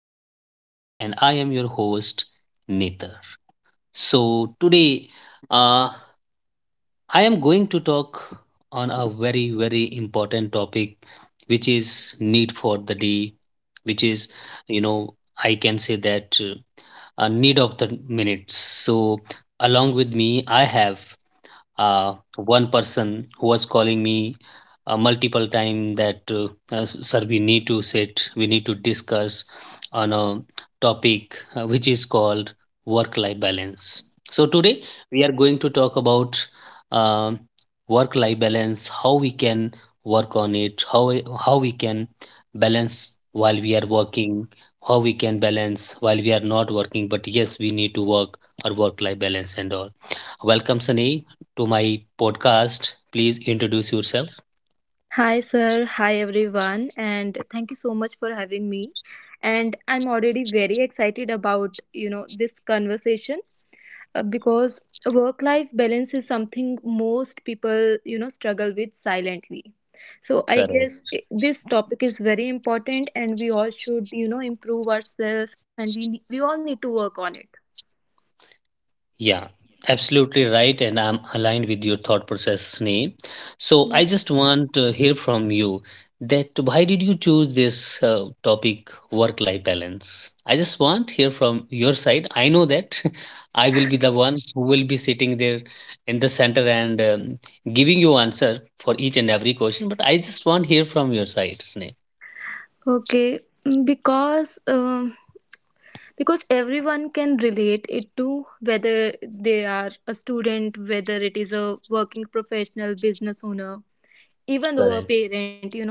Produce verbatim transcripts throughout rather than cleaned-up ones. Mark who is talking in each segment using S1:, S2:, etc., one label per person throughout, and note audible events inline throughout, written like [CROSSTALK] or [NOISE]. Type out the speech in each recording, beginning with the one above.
S1: my podcast, and I am your host, Nether. So, today uh, I am going to talk on a very, very important topic, which is need for the day, which is, you know, I can say that uh, a need of the minutes. So, along with me, I have uh, one person who was calling me uh, multiple time that uh, uh, sir, we need to sit we need to discuss on a topic uh, which is called work life balance. So today we are going to talk about um work life balance, how we can work on it, how we- how we can balance while we are working, how we can balance while we are not working, but yes, we need to work or work life balance and all. Welcome, Sunny, to my podcast. Please introduce yourself.
S2: Hi, sir. Hi, everyone. And thank you so much for having me. And I'm already very excited about, you know, this conversation uh, because work life balance is something most people, you know, struggle with silently. So I guess
S1: Correct.
S2: i- this topic is very important and we all should, you know, improve ourselves and we ne- we all need to work on it.
S1: Yeah, absolutely right. And I'm aligned with your thought process, Sneh. So I just want to hear from you that why did you choose this uh, topic, work life balance? I just want to hear from your side. I know that [LAUGHS] I will be the one who will be sitting there in the center and um, giving you answer for each and every question, but I just want to hear from your side, Sneh.
S2: Okay, mm, because um because everyone can relate it to, whether they are a student, whether it is a working professional, business owner, even though a parent, you know,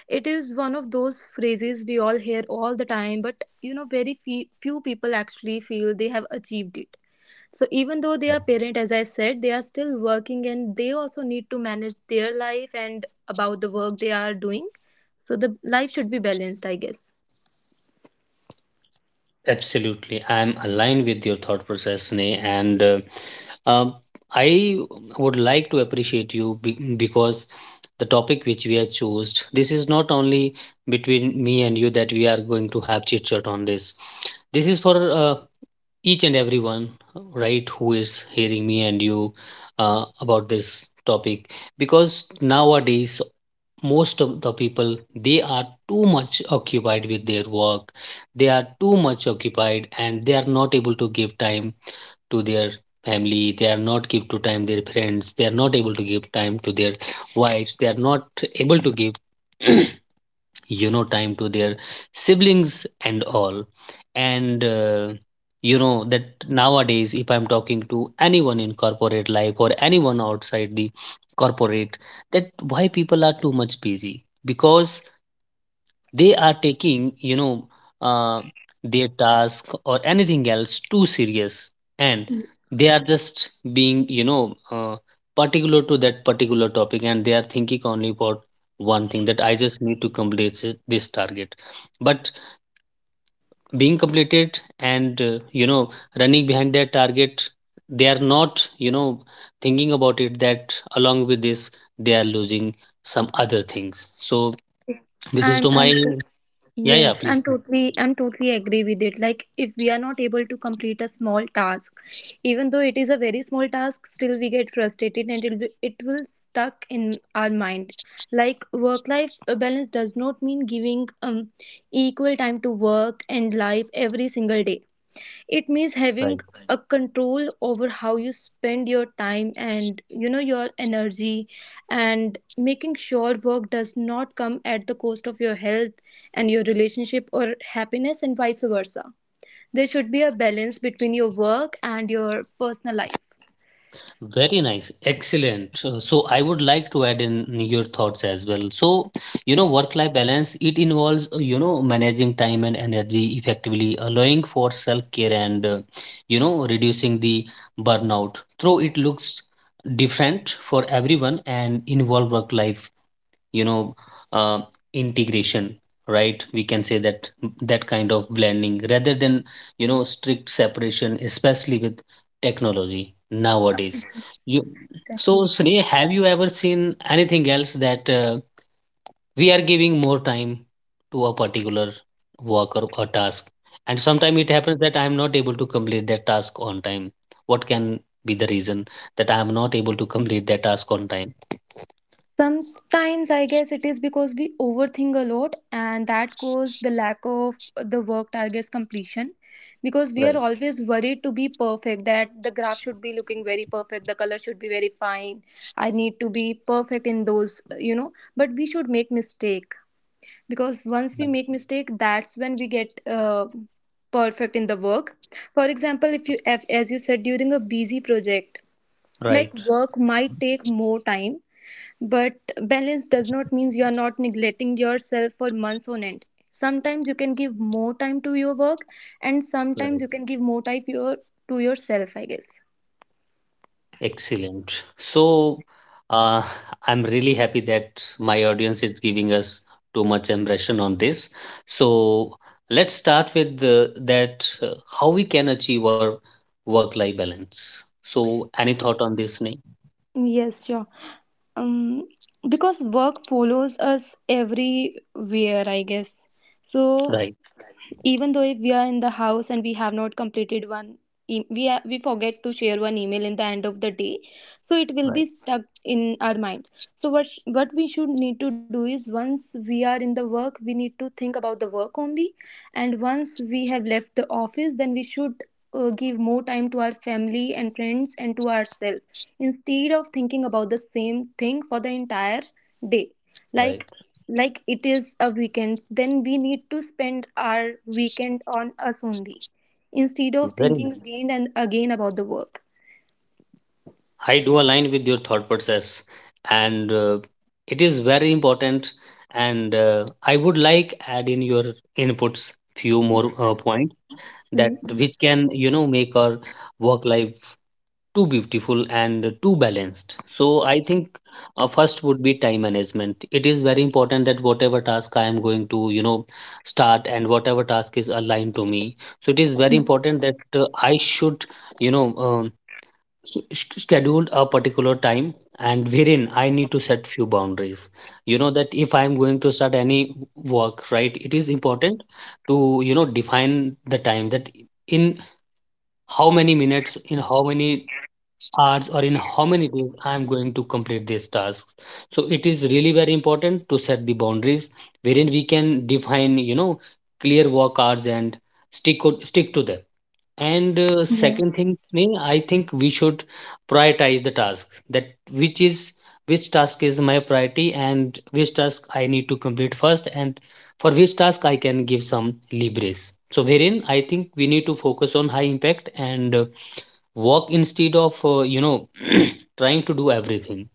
S2: it is one of those phrases we all hear all the time, but you know very fe- few people actually feel they have achieved it. So even though they are parent, as I said, they are still working and they also need to manage their life and about the work they are doing. So the life should be balanced, I guess.
S1: Absolutely. I'm aligned with your thought process, Sneh, and uh, um, I would like to appreciate you be- because the topic which we have chose, this is not only between me and you that we are going to have chit chat on this. This is for uh, each and everyone, right, who is hearing me and you uh, about this topic, because nowadays most of the people, they are too much occupied with their work. They are too much occupied and they are not able to give time to their family, they are not give to time their friends, they are not able to give time to their wives, they are not able to give you know time to their siblings and all. And uh, you know that nowadays, if I'm talking to anyone in corporate life or anyone outside the corporate, that why people are too much busy? Because they are taking you know uh, their task or anything else too serious, and they are just being you know uh, particular to that particular topic, and they are thinking only about one thing, that I just need to complete thi- this target. But being completed and uh, you know running behind their target, they are not you know thinking about it, that along with this, they are losing some other things. So this
S2: I'm
S1: is to
S2: I'm
S1: my— Yeah,
S2: Yes,
S1: yeah,
S2: I'm
S1: please.
S2: totally I'm totally agree with it. Like, if we are not able to complete a small task, even though it is a very small task, still we get frustrated and it will it will stuck in our mind. Like, work life balance does not mean giving um equal time to work and life every single day. It means having
S1: Right.
S2: a control over how you spend your time and, you know, your energy, and making sure work does not come at the cost of your health and your relationship or happiness, and vice versa. There should be a balance between your work and your personal life.
S1: Very nice. Excellent. Uh, So I would like to add in your thoughts as well. So, you know, work-life balance, it involves, uh, you know, managing time and energy effectively, allowing for self-care and, uh, you know, reducing the burnout. Though it looks different for everyone and involve work-life you know uh, integration, right? We can say that that kind of blending rather than you know strict separation, especially with technology nowadays. You So,
S2: Exactly.
S1: Sneha, have you ever seen anything else, that uh, we are giving more time to a particular work or a task, and sometimes it happens that I am not able to complete that task on time? What can be the reason that I am not able to complete that task on time?
S2: Sometimes I guess it is because we overthink a lot and that causes the lack of the work targets completion, because we are
S1: Right,
S2: always worried to be perfect, that the graph should be looking very perfect, the color should be very fine. I need to be perfect in those, you know, but we should make mistake, because once we make mistake, that's when we get uh, perfect in the work. For example, if you if, as you said, during a busy project, like,
S1: right,
S2: work might take more time, but balance does not mean you are not neglecting yourself for months on end. Sometimes you can give more time to your work, and sometimes you
S1: right.
S2: can give more time your to yourself, I guess.
S1: Excellent. So, uh, I'm really happy that my audience is giving us too much impression on this. So, let's start with the, that uh, how we can achieve our work-life balance. So, any thought on this, Sneh?
S2: Yes, sure. Um, because work follows us everywhere, I guess. So,
S1: Right,
S2: even though if we are in the house and we have not completed one e- we are, we forget to share one email in the end of the day, so it will be
S1: right,
S2: stuck in our mind. So what sh- what we should need to do is, once we are in the work, we need to think about the work only, and once we have left the office, then we should uh, give more time to our family and friends and to ourselves, instead of thinking about the same thing for the entire day.
S1: right.
S2: like like it is a weekend, then we need to spend our weekend on us only, instead of
S1: Very
S2: thinking
S1: nice.
S2: again and again about the work.
S1: I do align with your thought process, and uh, it is very important. And uh, I would like add in your inputs few more
S2: Yes.
S1: uh, points, that
S2: Mm.
S1: which can you know make our work life too beautiful and too balanced. So I think uh, first would be time management. It is very important that whatever task I am going to you know start, and whatever task is aligned to me, so it is very
S2: Mm,
S1: important that uh, I should you know um, s- s- schedule a particular time, and wherein I need to set few boundaries, you know that if I am going to start any work, right, it is important to you know define the time that in how many minutes, in how many hours, or in how many days I am going to complete these tasks. So it is really very important to set the boundaries, wherein we can define you know clear work hours and stick o- stick to them. And uh, second thing, Sneh, I think we should prioritize the task, that which is which task is my priority and which task I need to complete first, and for which task I can give some leverage. So wherein I think we need to focus on high impact and uh, work, instead of uh, you know [CLEARS THROAT] trying to do everything.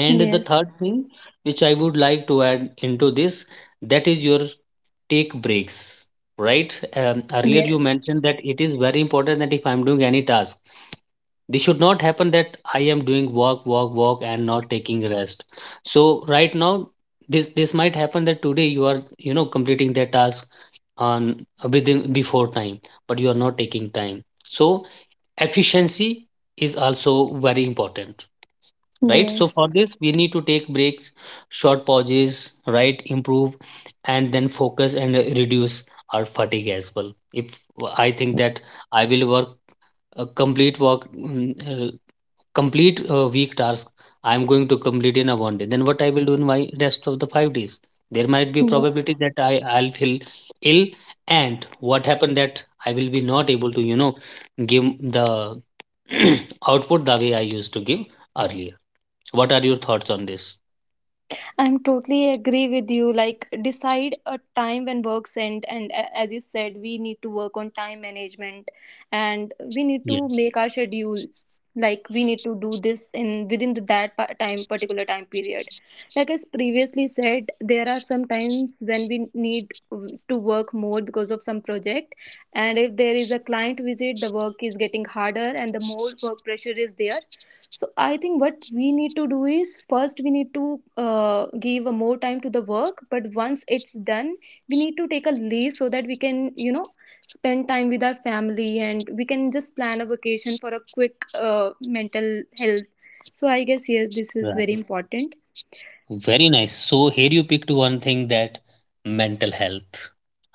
S1: And the third thing which I would like to add into this, that is your take breaks, right? Um, earlier you
S2: yes,
S1: mentioned that it is very important that if I'm doing any task, this should not happen that I am doing work work work and not taking rest. So right now, this this might happen that today you are you know completing that task on within before time, but you are not taking time, so efficiency is also very important, right? So
S2: yes.
S1: for this we need to take breaks, short pauses, right, improve and then focus and uh, reduce our fatigue as well. If I think that I will work, a complete work mm, uh, complete a week task I am going to complete in a one day, then what I will do in my rest of the five days? There might be
S2: Yes,
S1: probability that I I'll feel ill, and what happened that I will be not able to you know give the [CLEARS THROAT] output the way I used to give earlier. What are your thoughts on this?
S2: I'm totally agree with you. Like, decide a time when works end, and a- as you said, we need to work on time management, and we need to
S1: Yes,
S2: make our schedule. Like, we need to do this in within the, that pa- time particular time period. Like, as previously said, there are some times when we need w- to work more because of some project, and if there is a client visit, the work is getting harder, and the more work pressure is there. So I think what we need to do is, first we need to uh, give a more time to the work, but once it's done, we need to take a leave so that we can, you know, spend time with our family, and we can just plan a vacation for a quick uh, mental health. So I guess, yes, this is
S1: right.
S2: very important.
S1: Very nice. So here you picked one thing, that mental health.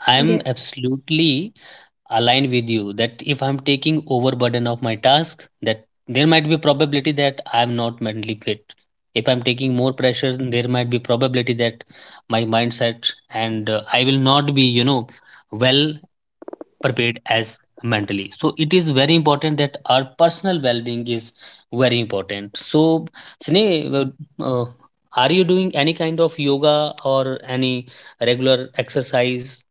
S1: I'm
S2: Yes.
S1: absolutely align with you that if I'm taking overburden of my task, that there might be probability that I am not mentally fit. If I'm taking more pressure, there might be probability that my mindset, and uh, I will not be you know well prepared as mentally, so it is very important that our personal well-being is very important. So Sneh, uh, uh, are you doing any kind of yoga or any regular exercise?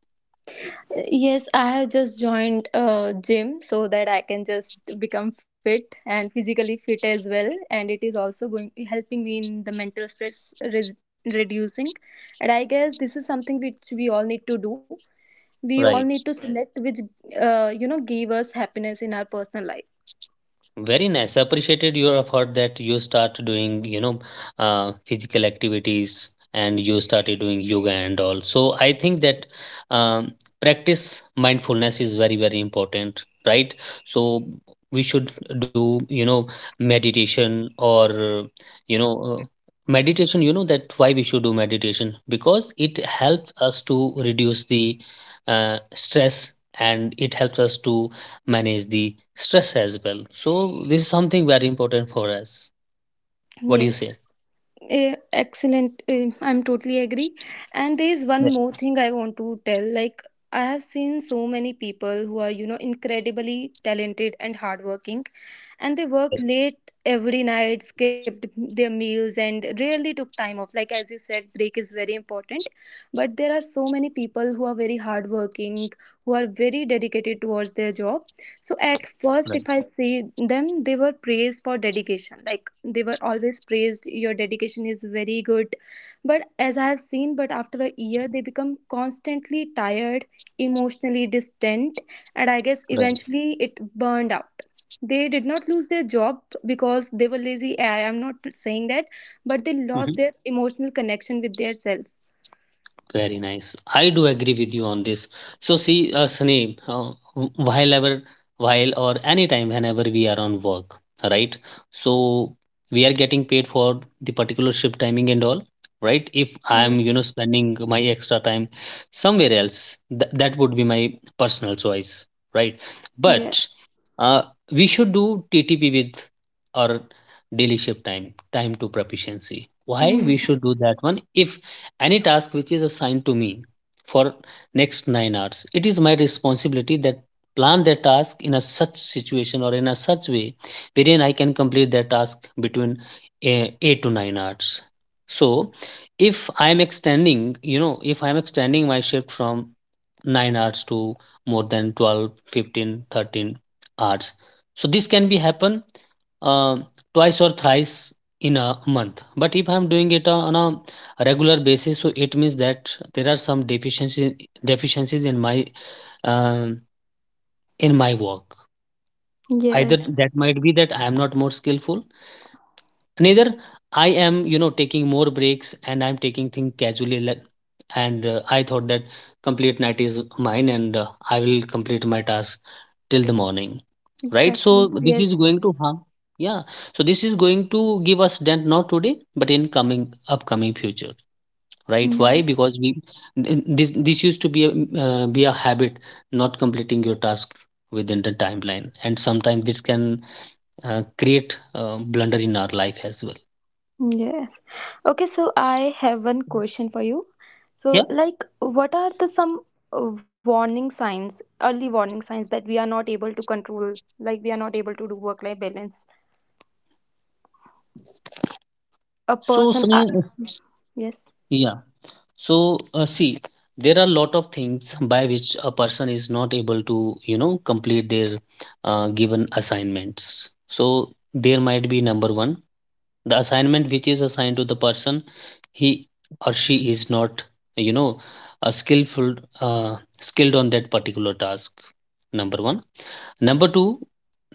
S2: Yes, I have just joined a gym so that I can just become fit and physically fit as well. And it is also going helping me in the mental stress res- reducing. And I guess this is something which we all need to do. We all need
S1: Right.
S2: to select which uh, you know, give us happiness in our personal life.
S1: Very nice. Appreciated your effort that you start doing, you know, uh, physical activities, and you started doing yoga and all. So I think that um, practice mindfulness is very, very important, right? So we should do, you know, meditation or, uh, you know, uh, meditation. You know that why we should do meditation, because it helps us to reduce the uh, stress, and it helps us to manage the stress as well. So this is something very important for us. What do you
S2: Yes.
S1: say?
S2: Eh, excellent. Eh, I'm totally agree. And there is one
S1: Yes.
S2: more thing I want to tell. Like, I have seen so many people who are, you know, incredibly talented and hardworking, and they work
S1: Right,
S2: late every night, skipped their meals and rarely took time off. Like, as you said, break is very important. But there are so many people who are very hardworking, who are very dedicated towards their job. So at first, if
S1: right,
S2: I see them, they were praised for dedication. Like, they were always praised, your dedication is very good. But as I have seen, but after a year, they become constantly tired, emotionally distant, and I guess
S1: right.
S2: eventually it burned out. They did not lose their job because they were lazy. I am not saying that, but they lost
S1: Mhm.
S2: their emotional connection with their self.
S1: Very nice. I do agree with you on this. So see, uh, Snape, uh, wh- while ever, while or anytime, whenever we are on work, right? So we are getting paid for the particular shift timing and all, right? If I am, you
S2: Yes.
S1: know, spending my extra time somewhere else, th that would be my personal choice, right? But
S2: Yes.
S1: uh, we should do T T P with our daily shift time, time to proficiency. Why we should
S2: Mm.
S1: do that one? If any task which is assigned to me for next nine hours, it is my responsibility that plan the task in a such situation or in a such way wherein I can complete the task between eh, eight to nine hours. So if I am extending, you know if I am extending my shift from nine hours to more than twelve, fifteen, thirteen hours, so this can be happen uh, twice or thrice in a month. But if I'm doing it on a regular basis, so it means that there are some deficiencies deficiencies in my um, in my work, either
S2: Yes.
S1: that might be that I am not more skillful, neither I am, you know taking more breaks and I'm taking things casually le- and uh, I thought that complete night is mine, and uh, I will complete my task till the morning, right? So
S2: Exactly.
S1: this is
S2: Yes.
S1: going to harm, yeah. So this is going to give us dent, not today but in coming upcoming future. Right? Why?
S2: Mm.
S1: Because we, th- this this used to be a uh, be a habit, not completing your task within the timeline, and sometimes this can uh, create uh, blunder in our life as well.
S2: Yes. Okay, so I have one question for you. So,
S1: Yeah,
S2: like, what are the some uh, warning signs, early warning signs that we are not able to control, like we are not able to do work-life balance? A
S1: so
S2: person, uh,
S1: Sunny,
S2: yes,
S1: yeah, so uh, see, there are a lot of things by which a person is not able to, you know complete their uh, given assignments. So there might be number one, the assignment which is assigned to the person, he or she is not, you know a skillful uh, skilled on that particular task. Number one. Number two,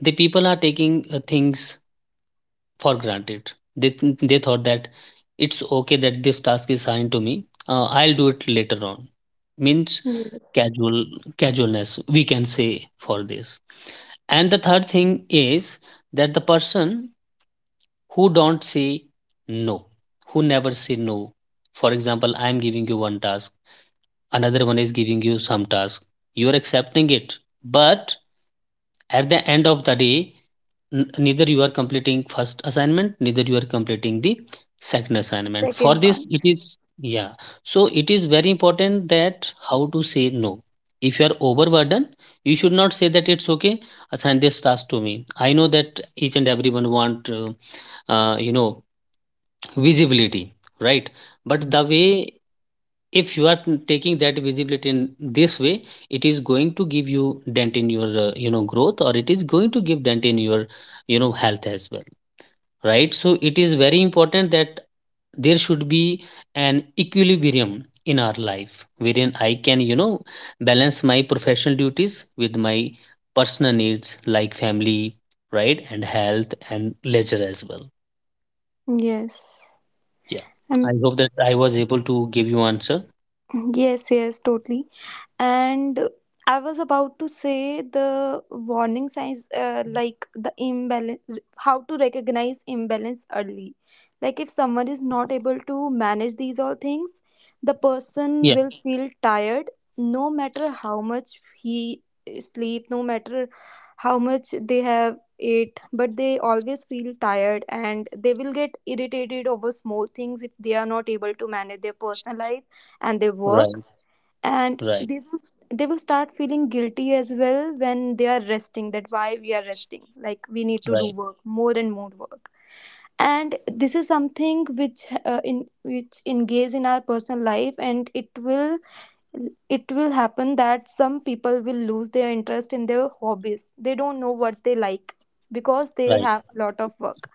S1: the people are taking uh, things for granted. They, th- they thought that it's okay that this task is assigned to me, uh, I'll do it later on. Means
S2: yes.
S1: casual, casualness we can say for this. And the third thing is that the person who don't say no, who never say no. For example, I am giving you one task, another one is giving you some task. You are accepting it, but at the end of the day, neither you are completing first assignment, neither you are completing the second assignment.
S2: Second
S1: For
S2: one.
S1: this, it is yeah. So it is very important that how to say no. If you are overburdened, you should not say that it's okay. Assign this task to me. I know that each and everyone want. Uh, uh, you know, visibility, right? But the way, if you are taking that visibility in this way, it is going to give you dent in your uh, you know, growth, or it is going to give dent in your, you know, health as well, right? So it is very important that there should be an equilibrium in our life wherein I can, you know, balance my professional duties with my personal needs like family, right, and health and leisure as well.
S2: Yes.
S1: Yeah,
S2: Um,
S1: I hope that I was able to give you answer.
S2: yes, yes, totally. And I was about to say the warning signs, uh, like the imbalance, how to recognize imbalance early. Like, if someone is
S1: Mhm.
S2: not able to manage these all things, the person
S1: Yeah,
S2: will feel tired no matter how much he sleep, no matter how much they have ate, but they always feel tired, and they will get irritated over small things if they are not able to manage their personal life and their work.
S1: right,
S2: And they
S1: right,
S2: will, they will start feeling guilty as well when they are resting, that why we are resting, like we need to do
S1: right,
S2: work more and more work. And this is something which, uh, in which engages in our personal life, and it will, it will happen that some people will lose their interest in their hobbies, they don't know what they like, because they
S1: right,
S2: have a lot of work,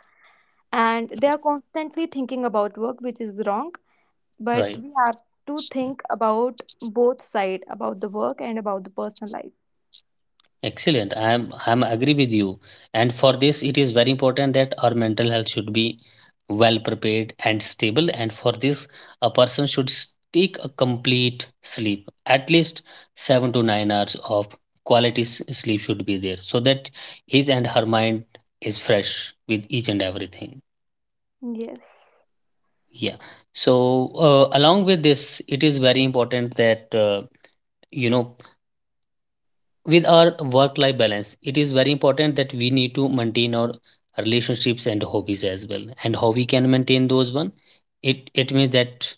S2: and they are constantly thinking about work, which is wrong. But
S1: right.
S2: we have to think about both side, about the work and about the personal life.
S1: Excellent. I'm I'm agree with you. And for this, it is very important that our mental health should be well prepared and stable. And for this, a person should s- take a complete sleep, at least seven to nine hours of quality s- sleep should be there, so that his and her mind is fresh with each and everything.
S2: Yes.
S1: Yeah. So uh, along with this, it is very important that, uh, you know, with our work life balance, it is very important that we need to maintain our relationships and hobbies as well. And how we can maintain those one, it it means that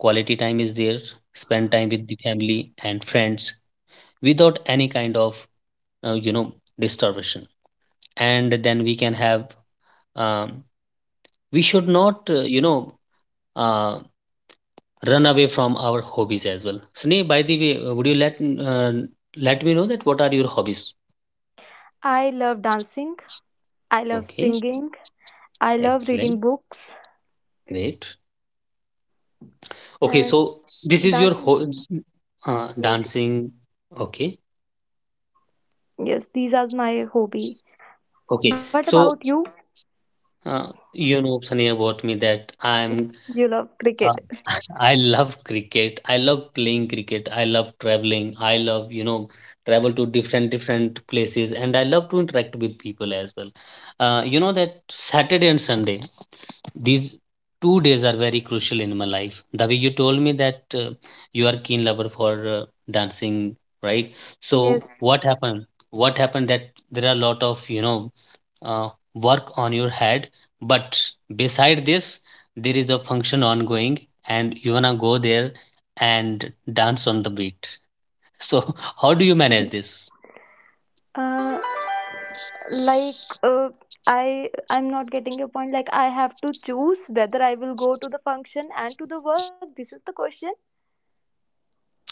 S1: quality time is there, spend time with the family and friends without any kind of uh, you know, disturbance. And then we can have um, we should not uh, you know, uh, run away from our hobbies as well. Sneh, by the way, uh, would you let uh, let me know that what are your hobbies?
S2: I love dancing. I love
S1: Okay.
S2: singing. I love reading
S1: Excellent.
S2: books.
S1: Great. Okay,
S2: And
S1: so this is your
S2: dancing.
S1: whole uh,
S2: Yes.
S1: dancing. Okay,
S2: Yes, these are my hobby.
S1: okay.
S2: What about
S1: So
S2: you?
S1: uh, you know, Sunny, about me that I'm.
S2: You love
S1: Uh,
S2: cricket.
S1: I love cricket. I love playing cricket. I love traveling. I love, you know, travel to different different places, and I love to interact with people as well. Uh, you know that Saturday and Sunday, these two days are very crucial in my life. The way you told me that uh, you are keen lover for uh, dancing, right? So
S2: Yes.
S1: what happened, what happened, that there are a lot of, you know, uh, work on your head, but beside this, there is a function ongoing, and you wanna go there and dance on the beat [LAUGHS] so how do you manage this?
S2: Uh, like uh, i i'm not getting your point. Like, I have to choose whether I will go to the function and to the work, this is the question?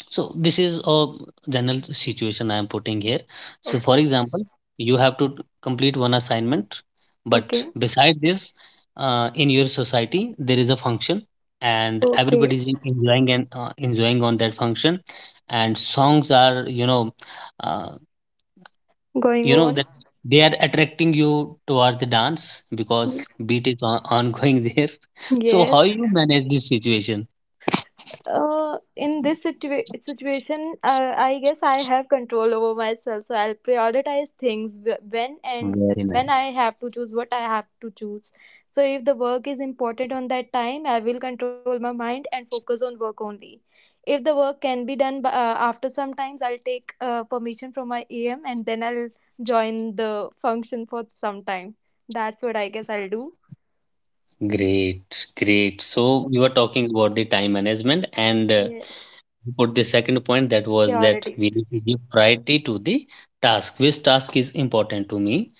S1: So this is a general situation I am putting here. So
S2: Okay.
S1: for example, you have to complete one assignment, but
S2: Okay.
S1: beside this, uh, in your society there is a function, and
S2: Okay.
S1: everybody is en- enjoying, and uh, enjoying on that function, and songs are, you know, uh,
S2: Going
S1: you know
S2: on.
S1: that they are attracting you towards the dance because beat is on- ongoing [LAUGHS] there. So
S2: Yes.
S1: how you manage this situation?
S2: Uh, in this situa- situation, uh, I guess I have control over myself, so I'll prioritize things wh- when, and
S1: Very
S2: when
S1: nice.
S2: I have to choose what I have to choose. So if the work is important on that time, I will control my mind and focus on work only. If the work can be done by, uh, after some times, I'll take uh, permission from my A M, and then I'll join the function for some time. That's what I guess I'll do.
S1: Great, great. So you were talking about the time management, and uh,
S2: Yeah,
S1: you put the second point that was that we
S2: priorities.
S1: need to give priority to the task. Which task is important to me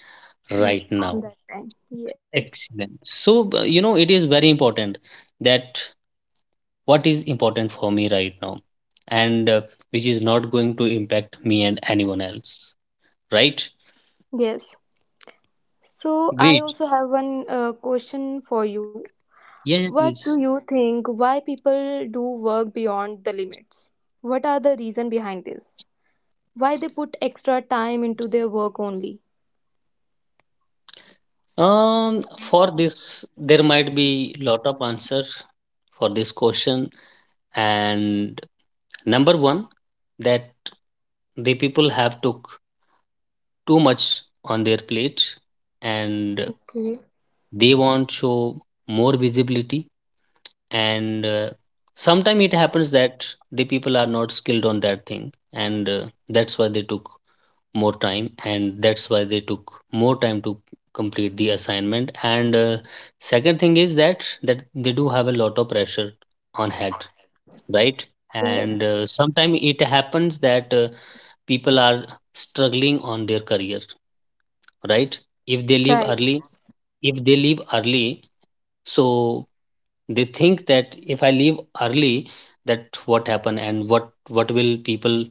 S2: Mm,
S1: right
S2: on
S1: now?
S2: that time. Yes.
S1: Excellent. So uh, you know, it is very important that what is important for me right now, and uh, which is not going to impact me and anyone else, right?
S2: Yes. So I
S1: Great.
S2: also have one uh, question for you.
S1: Yeah, yeah,
S2: What do
S1: please.
S2: you think why people do work beyond the limits? What are the reason behind this? Why they put extra time into their work only?
S1: Um, for this, there might be lot of answer for this question, and number one, that the people have took too much on their plate, and
S2: Okay.
S1: they want show more visibility, and uh, sometimes it happens that the people are not skilled on that thing, and uh, that's why they took more time, and that's why they took more time to complete the assignment. And uh, second thing is that that they do have a lot of pressure on head, right? And uh,
S2: Yes.
S1: sometimes it happens that uh, people are struggling on their career, right? If they leave
S2: Right.
S1: early, if they leave early, so they think that if I leave early, that what happened, and what what will people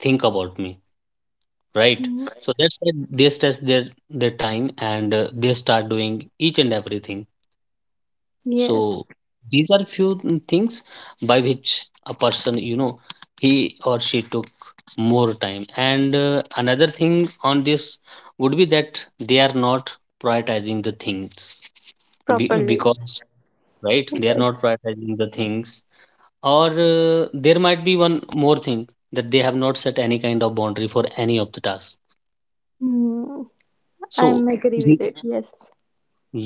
S1: think about me, right?
S2: Mhm.
S1: So that's why they stress their their time, and uh, they start doing each and everything. So
S2: Yes.
S1: these are few things by which a person, you know, he or she took more time. And uh, another thing on this would be that they are not prioritizing the things, be-
S2: Properly.
S1: because, right, they are not
S2: Yes.
S1: prioritizing the things, or uh, there might be one more thing, that they have not set any kind of boundary for any of the tasks.
S2: Mm. I'm
S1: So
S2: agree
S1: the-
S2: with it. Yes.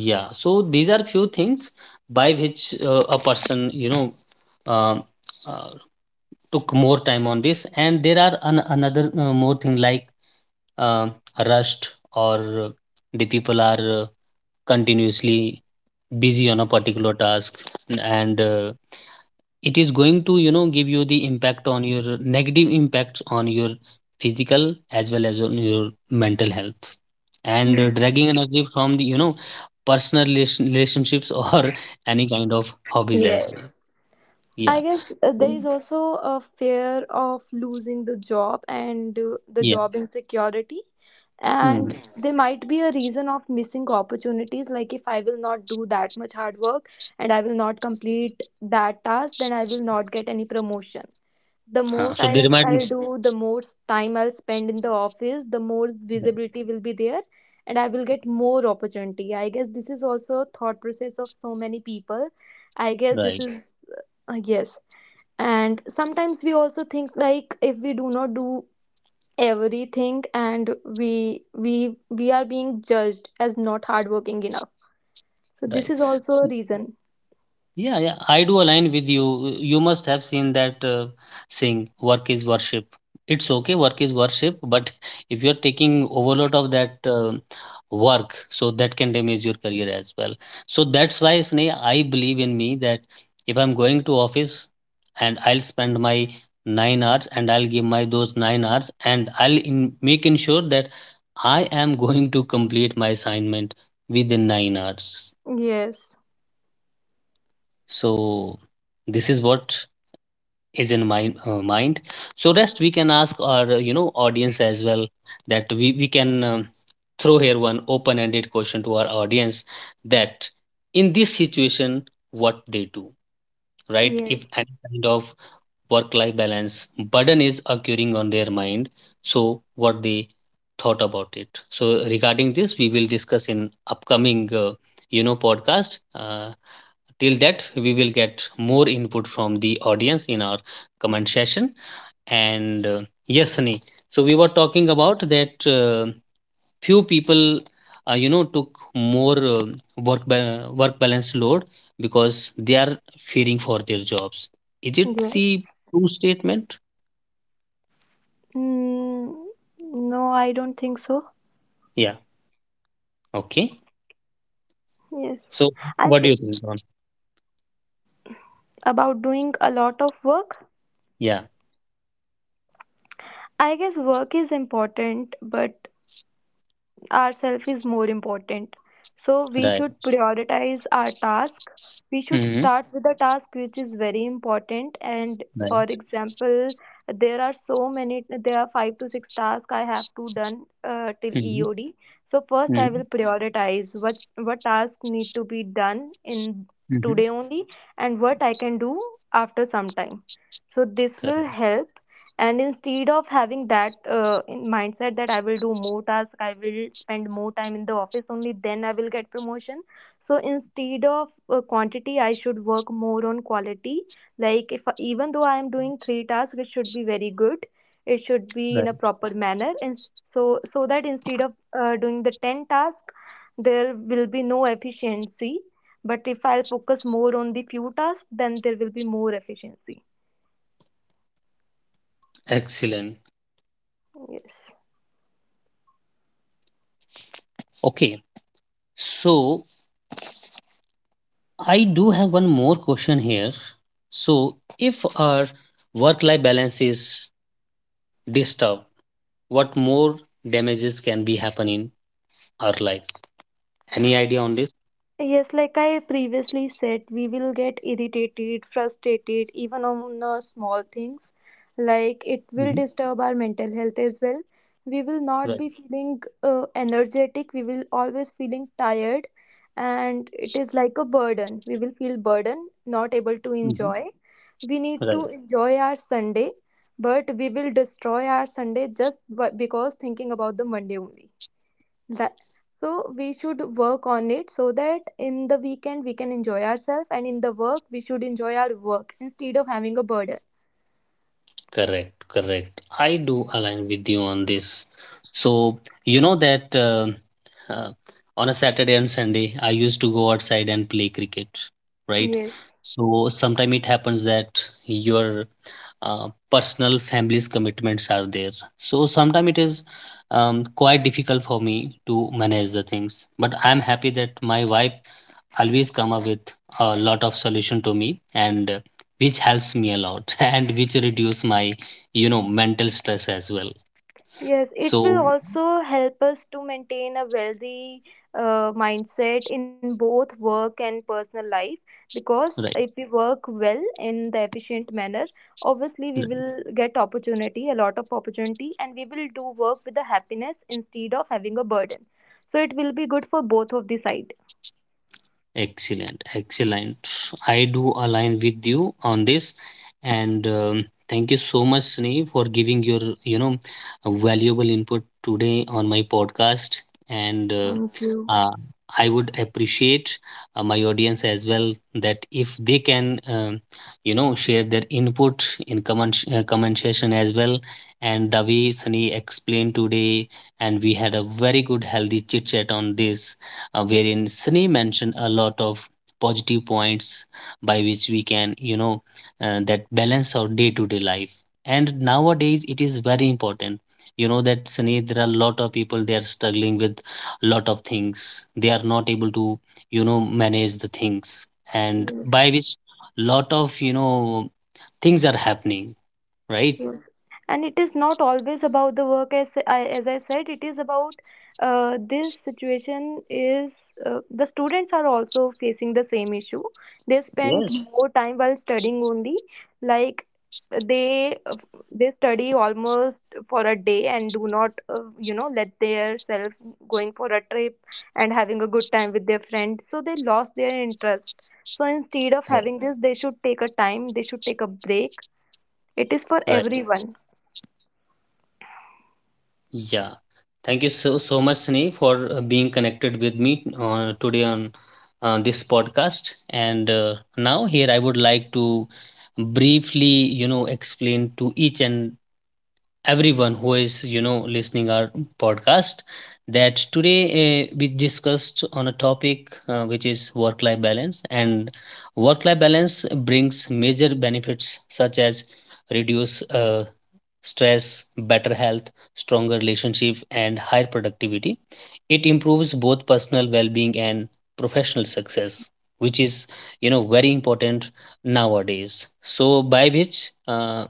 S1: yeah, so these are few things by which uh, a person, you know, um, uh, took more time on this. And there are an, another uh, more thing like uh, rust or uh, the people are uh, continuously busy on a particular task, and uh, it is going to, you know, give you the impact on your, negative impacts on your physical as well as on your mental health, and uh,
S2: Mm.
S1: dragging energy from the, you know, personal relation- relationships or [LAUGHS] any kind of hobbies as well.
S2: Yes.
S1: Yeah.
S2: I guess uh, there
S1: So,
S2: is also a fear of losing the job and uh, the
S1: yeah.
S2: job insecurity.
S1: Hmm.
S2: And there might be a reason of missing opportunities. Like, if I will not do that much hard work and I will not complete that task, then I will not get any promotion. The more
S1: Uh, so they
S2: tasks
S1: remind.
S2: I'll do, the more time I'll spend in the office, the more visibility will be there, and I will get more opportunity. I guess this is also a thought process of so many people. I guess this
S1: Right,
S2: is, uh, yes. And sometimes we also think, like, if we do not do everything, and we we we are being judged as not hardworking enough, so this
S1: right.
S2: is also
S1: S-
S2: a reason.
S1: yeah, yeah, I do align with you. You must have seen that uh, saying, work is worship. It's okay, work is worship, but [LAUGHS] if you're taking overload of that uh, work, so that can damage your career as well. So that's why, Sneh, I believe in me that if I'm going to office and I'll spend my nine hours, and I'll give my those nine hours, and I'll in, make ensure that I am [LAUGHS] going to complete my assignment within nine hours.
S2: Yes.
S1: So this is what is in my uh, mind. So rest, we can ask our uh, you know, audience as well, that we, we can um, throw here one open-ended question to our audience, that in this situation, what they do, right? If
S2: Yes.
S1: any kind of work-life balance burden is occurring on their mind, so what they thought about it. So regarding this, we will discuss in upcoming uh, you know, podcast. Uh, till that, we will get more input from the audience in our comment session. And uh, yes, Sunny. So we were talking about that uh, few people uh, you know, took more um work ba- work balance load because they are fearing for their jobs. Is it the
S2: Yes.
S1: true statement?
S2: Mm, no, I don't think so.
S1: Yeah, okay.
S2: Yes.
S1: So
S2: i
S1: what do
S2: g-
S1: you think, Ron?
S2: about doing a lot of work,
S1: Yeah,
S2: I guess work is important but ourself is more important. So we
S1: right.
S2: should prioritize our task. We should
S1: Mm-hmm.
S2: start with a task which is very important, and for
S1: Right.
S2: example, there are so many, there are five to six tasks I have to done, uh, till
S1: Mm-hmm.
S2: eod. So first I
S1: Mm-hmm.
S2: will prioritize what what task need to be done in
S1: Mm-hmm.
S2: today only, and what I can do after some time. So this will
S1: Correct.
S2: help. And instead of having that, uh, in mindset that I will do more tasks, I will spend more time in the office only, then I will get promotion. So instead of, uh, quantity I should work more on quality. Like, if even though I am doing three tasks, it should be very good, it should be in a
S1: Right.
S2: proper manner. And so, so that instead of, uh, doing the ten tasks, there will be no efficiency, but if I'll focus more on the few tasks, then there will be more efficiency.
S1: Excellent.
S2: Yes.
S1: Okay. So I do have one more question here. So, if our work life balance is disturbed, what more damages can be happen in our life? Any idea on this?
S2: Yes, like I previously said, we will get irritated, frustrated, even on the small things. Like, it will
S1: Mhm.
S2: disturb our mental health as well. We will not
S1: Right.
S2: be feeling uh, energetic. We will always feeling tired, and it is like a burden. We will feel burden, not able to
S1: Mhm.
S2: enjoy. We need to
S1: Right.
S2: enjoy our Sunday, but we will destroy our Sunday just bu- because thinking about the Monday only, that, so we should work on it so that in the weekend we can enjoy ourselves, and in the work we should enjoy our work instead of having a burden.
S1: Correct. Correct. I do align with you on this. So, you know that uh, uh, on a Saturday and Sunday, I used to go outside and play cricket, right?
S2: Yes.
S1: So, sometime it happens that your uh, personal family's commitments are there, so sometimes it is um, quite difficult for me to manage the things, but I am happy that my wife always come up with a lot of solution to me, and uh, which helps me a lot [LAUGHS] and which reduce my, you know, mental stress as well.
S2: Yes, it will
S1: So
S2: also help us to maintain a wealthy, uh, mindset in both work and personal life, because
S1: right.
S2: if we work well in the efficient manner, obviously we will get opportunity, a lot of opportunity, and we will do work with the happiness instead of having a burden. So it will be good for both of the sides.
S1: Excellent, excellent. I do align with you on this, and um, thank you so much, Sneh, for giving your, you know, valuable input today on my podcast. And uh,
S2: Thank you.
S1: uh, I would appreciate uh, my audience as well that if they can um, you know, share their input in comment uh, comment session as well. And the way Sunny explained today, and we had a very good healthy chit chat on this, uh, wherein Sunny mentioned a lot of positive points by which we can, you know, uh, that balance our day-to-day life. And nowadays, it is very important. You know that Sunny, there are a lot of people, they are struggling with a lot of things. They are not able to, you know, manage the things, and
S2: Yes.
S1: by which lot of, you know, things are happening, right?
S2: Yes. And it is not always about the work, as I, as I said, it is about, uh, this situation is, uh, the students are also facing the same issue. They spend
S1: Yes,
S2: Mhm. more time while studying only, like, they they study almost for a day and do not, uh, you know, let their self going for a trip and having a good time with their friends. So they lost their interest. So instead of having
S1: right.
S2: this, they should take a time. They should take a break. It is for
S1: Right.
S2: everyone.
S1: Yeah, thank you so so much, Sneh, for uh, being connected with me uh, today on uh, this podcast. And uh, now here I would like to briefly, you know, explain to each and everyone who is, you know, listening our podcast, that today uh, we discussed on a topic uh, which is work life balance. And work life balance brings major benefits such as reduce uh, stress, better health, stronger relationship and higher productivity. It improves both personal well-being and professional success, which is, you know, very important nowadays. So by which uh,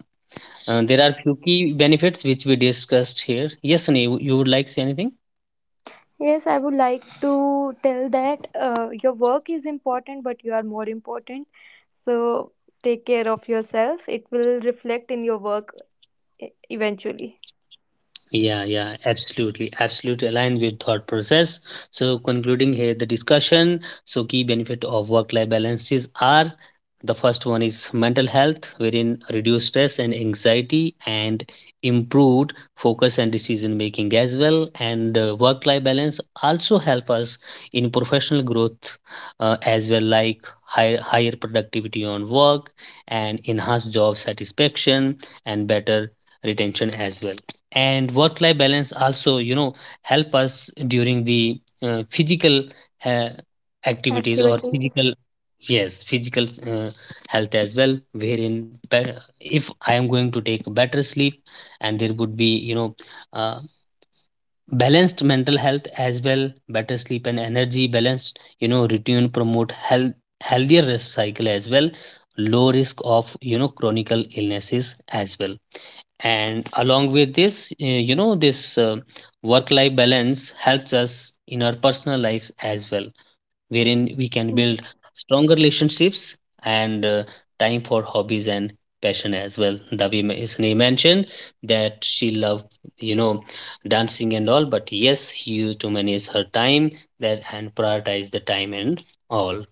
S1: uh, there are few key benefits which we discussed here. Yes, Sunny, you would like to say anything?
S2: Yes, I would like to tell that, uh, your work is important, but you are more important. So take care of yourself. It will reflect in your work e- eventually.
S1: Yeah, yeah, absolutely, absolutely aligned with thought process. So concluding here the discussion, so key benefit of work-life balances are, the first one is mental health, wherein reduce stress and anxiety and improved focus and decision making as well. And uh, work-life balance also help us in professional growth uh, as well, like higher higher productivity on work and enhanced job satisfaction and better retention as well. And work life balance also, you know, help us during the uh, physical uh, activities or
S2: Activities.
S1: physical, yes, physical uh, health as well, wherein be- if I am going to take better sleep, and there would be, you know, uh, balanced mental health as well, better sleep and energy, balanced, you know, routine, promote health, healthier rest cycle as well, low risk of, you know, chronic illnesses as well. And along with this, uh, you know, this uh, work life balance helps us in our personal lives as well, wherein we can build stronger relationships, and uh, time for hobbies and passion as well. Davi ma- isne mentioned that she loved, you know, dancing and all, but yes, you to manage her time that, and prioritize the time and all.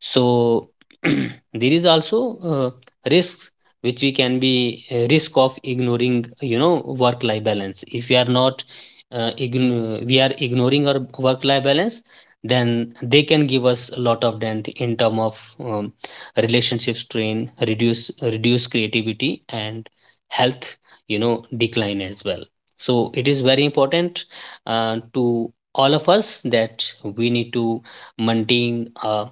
S1: So [CLEARS THROAT] there is also uh, risks, which we can be uh, risk of ignoring, you know, work life balance. If we are not uh, ign- we are ignoring our work life balance, then they can give us a lot of dent in term of um, relationship strain, reduce reduce creativity and health, you know, decline as well. So it is very important uh, to all of us, that we need to maintain a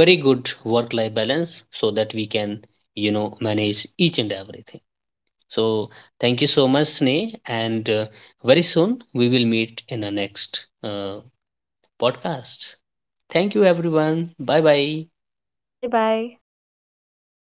S1: very good work life balance so that we can, you know, manage each and everything. So thank you so much, Sneh, and uh, very soon we will meet in the next uh, podcast. Thank you
S2: Sure.
S1: everyone. Bye bye.
S2: Bye bye.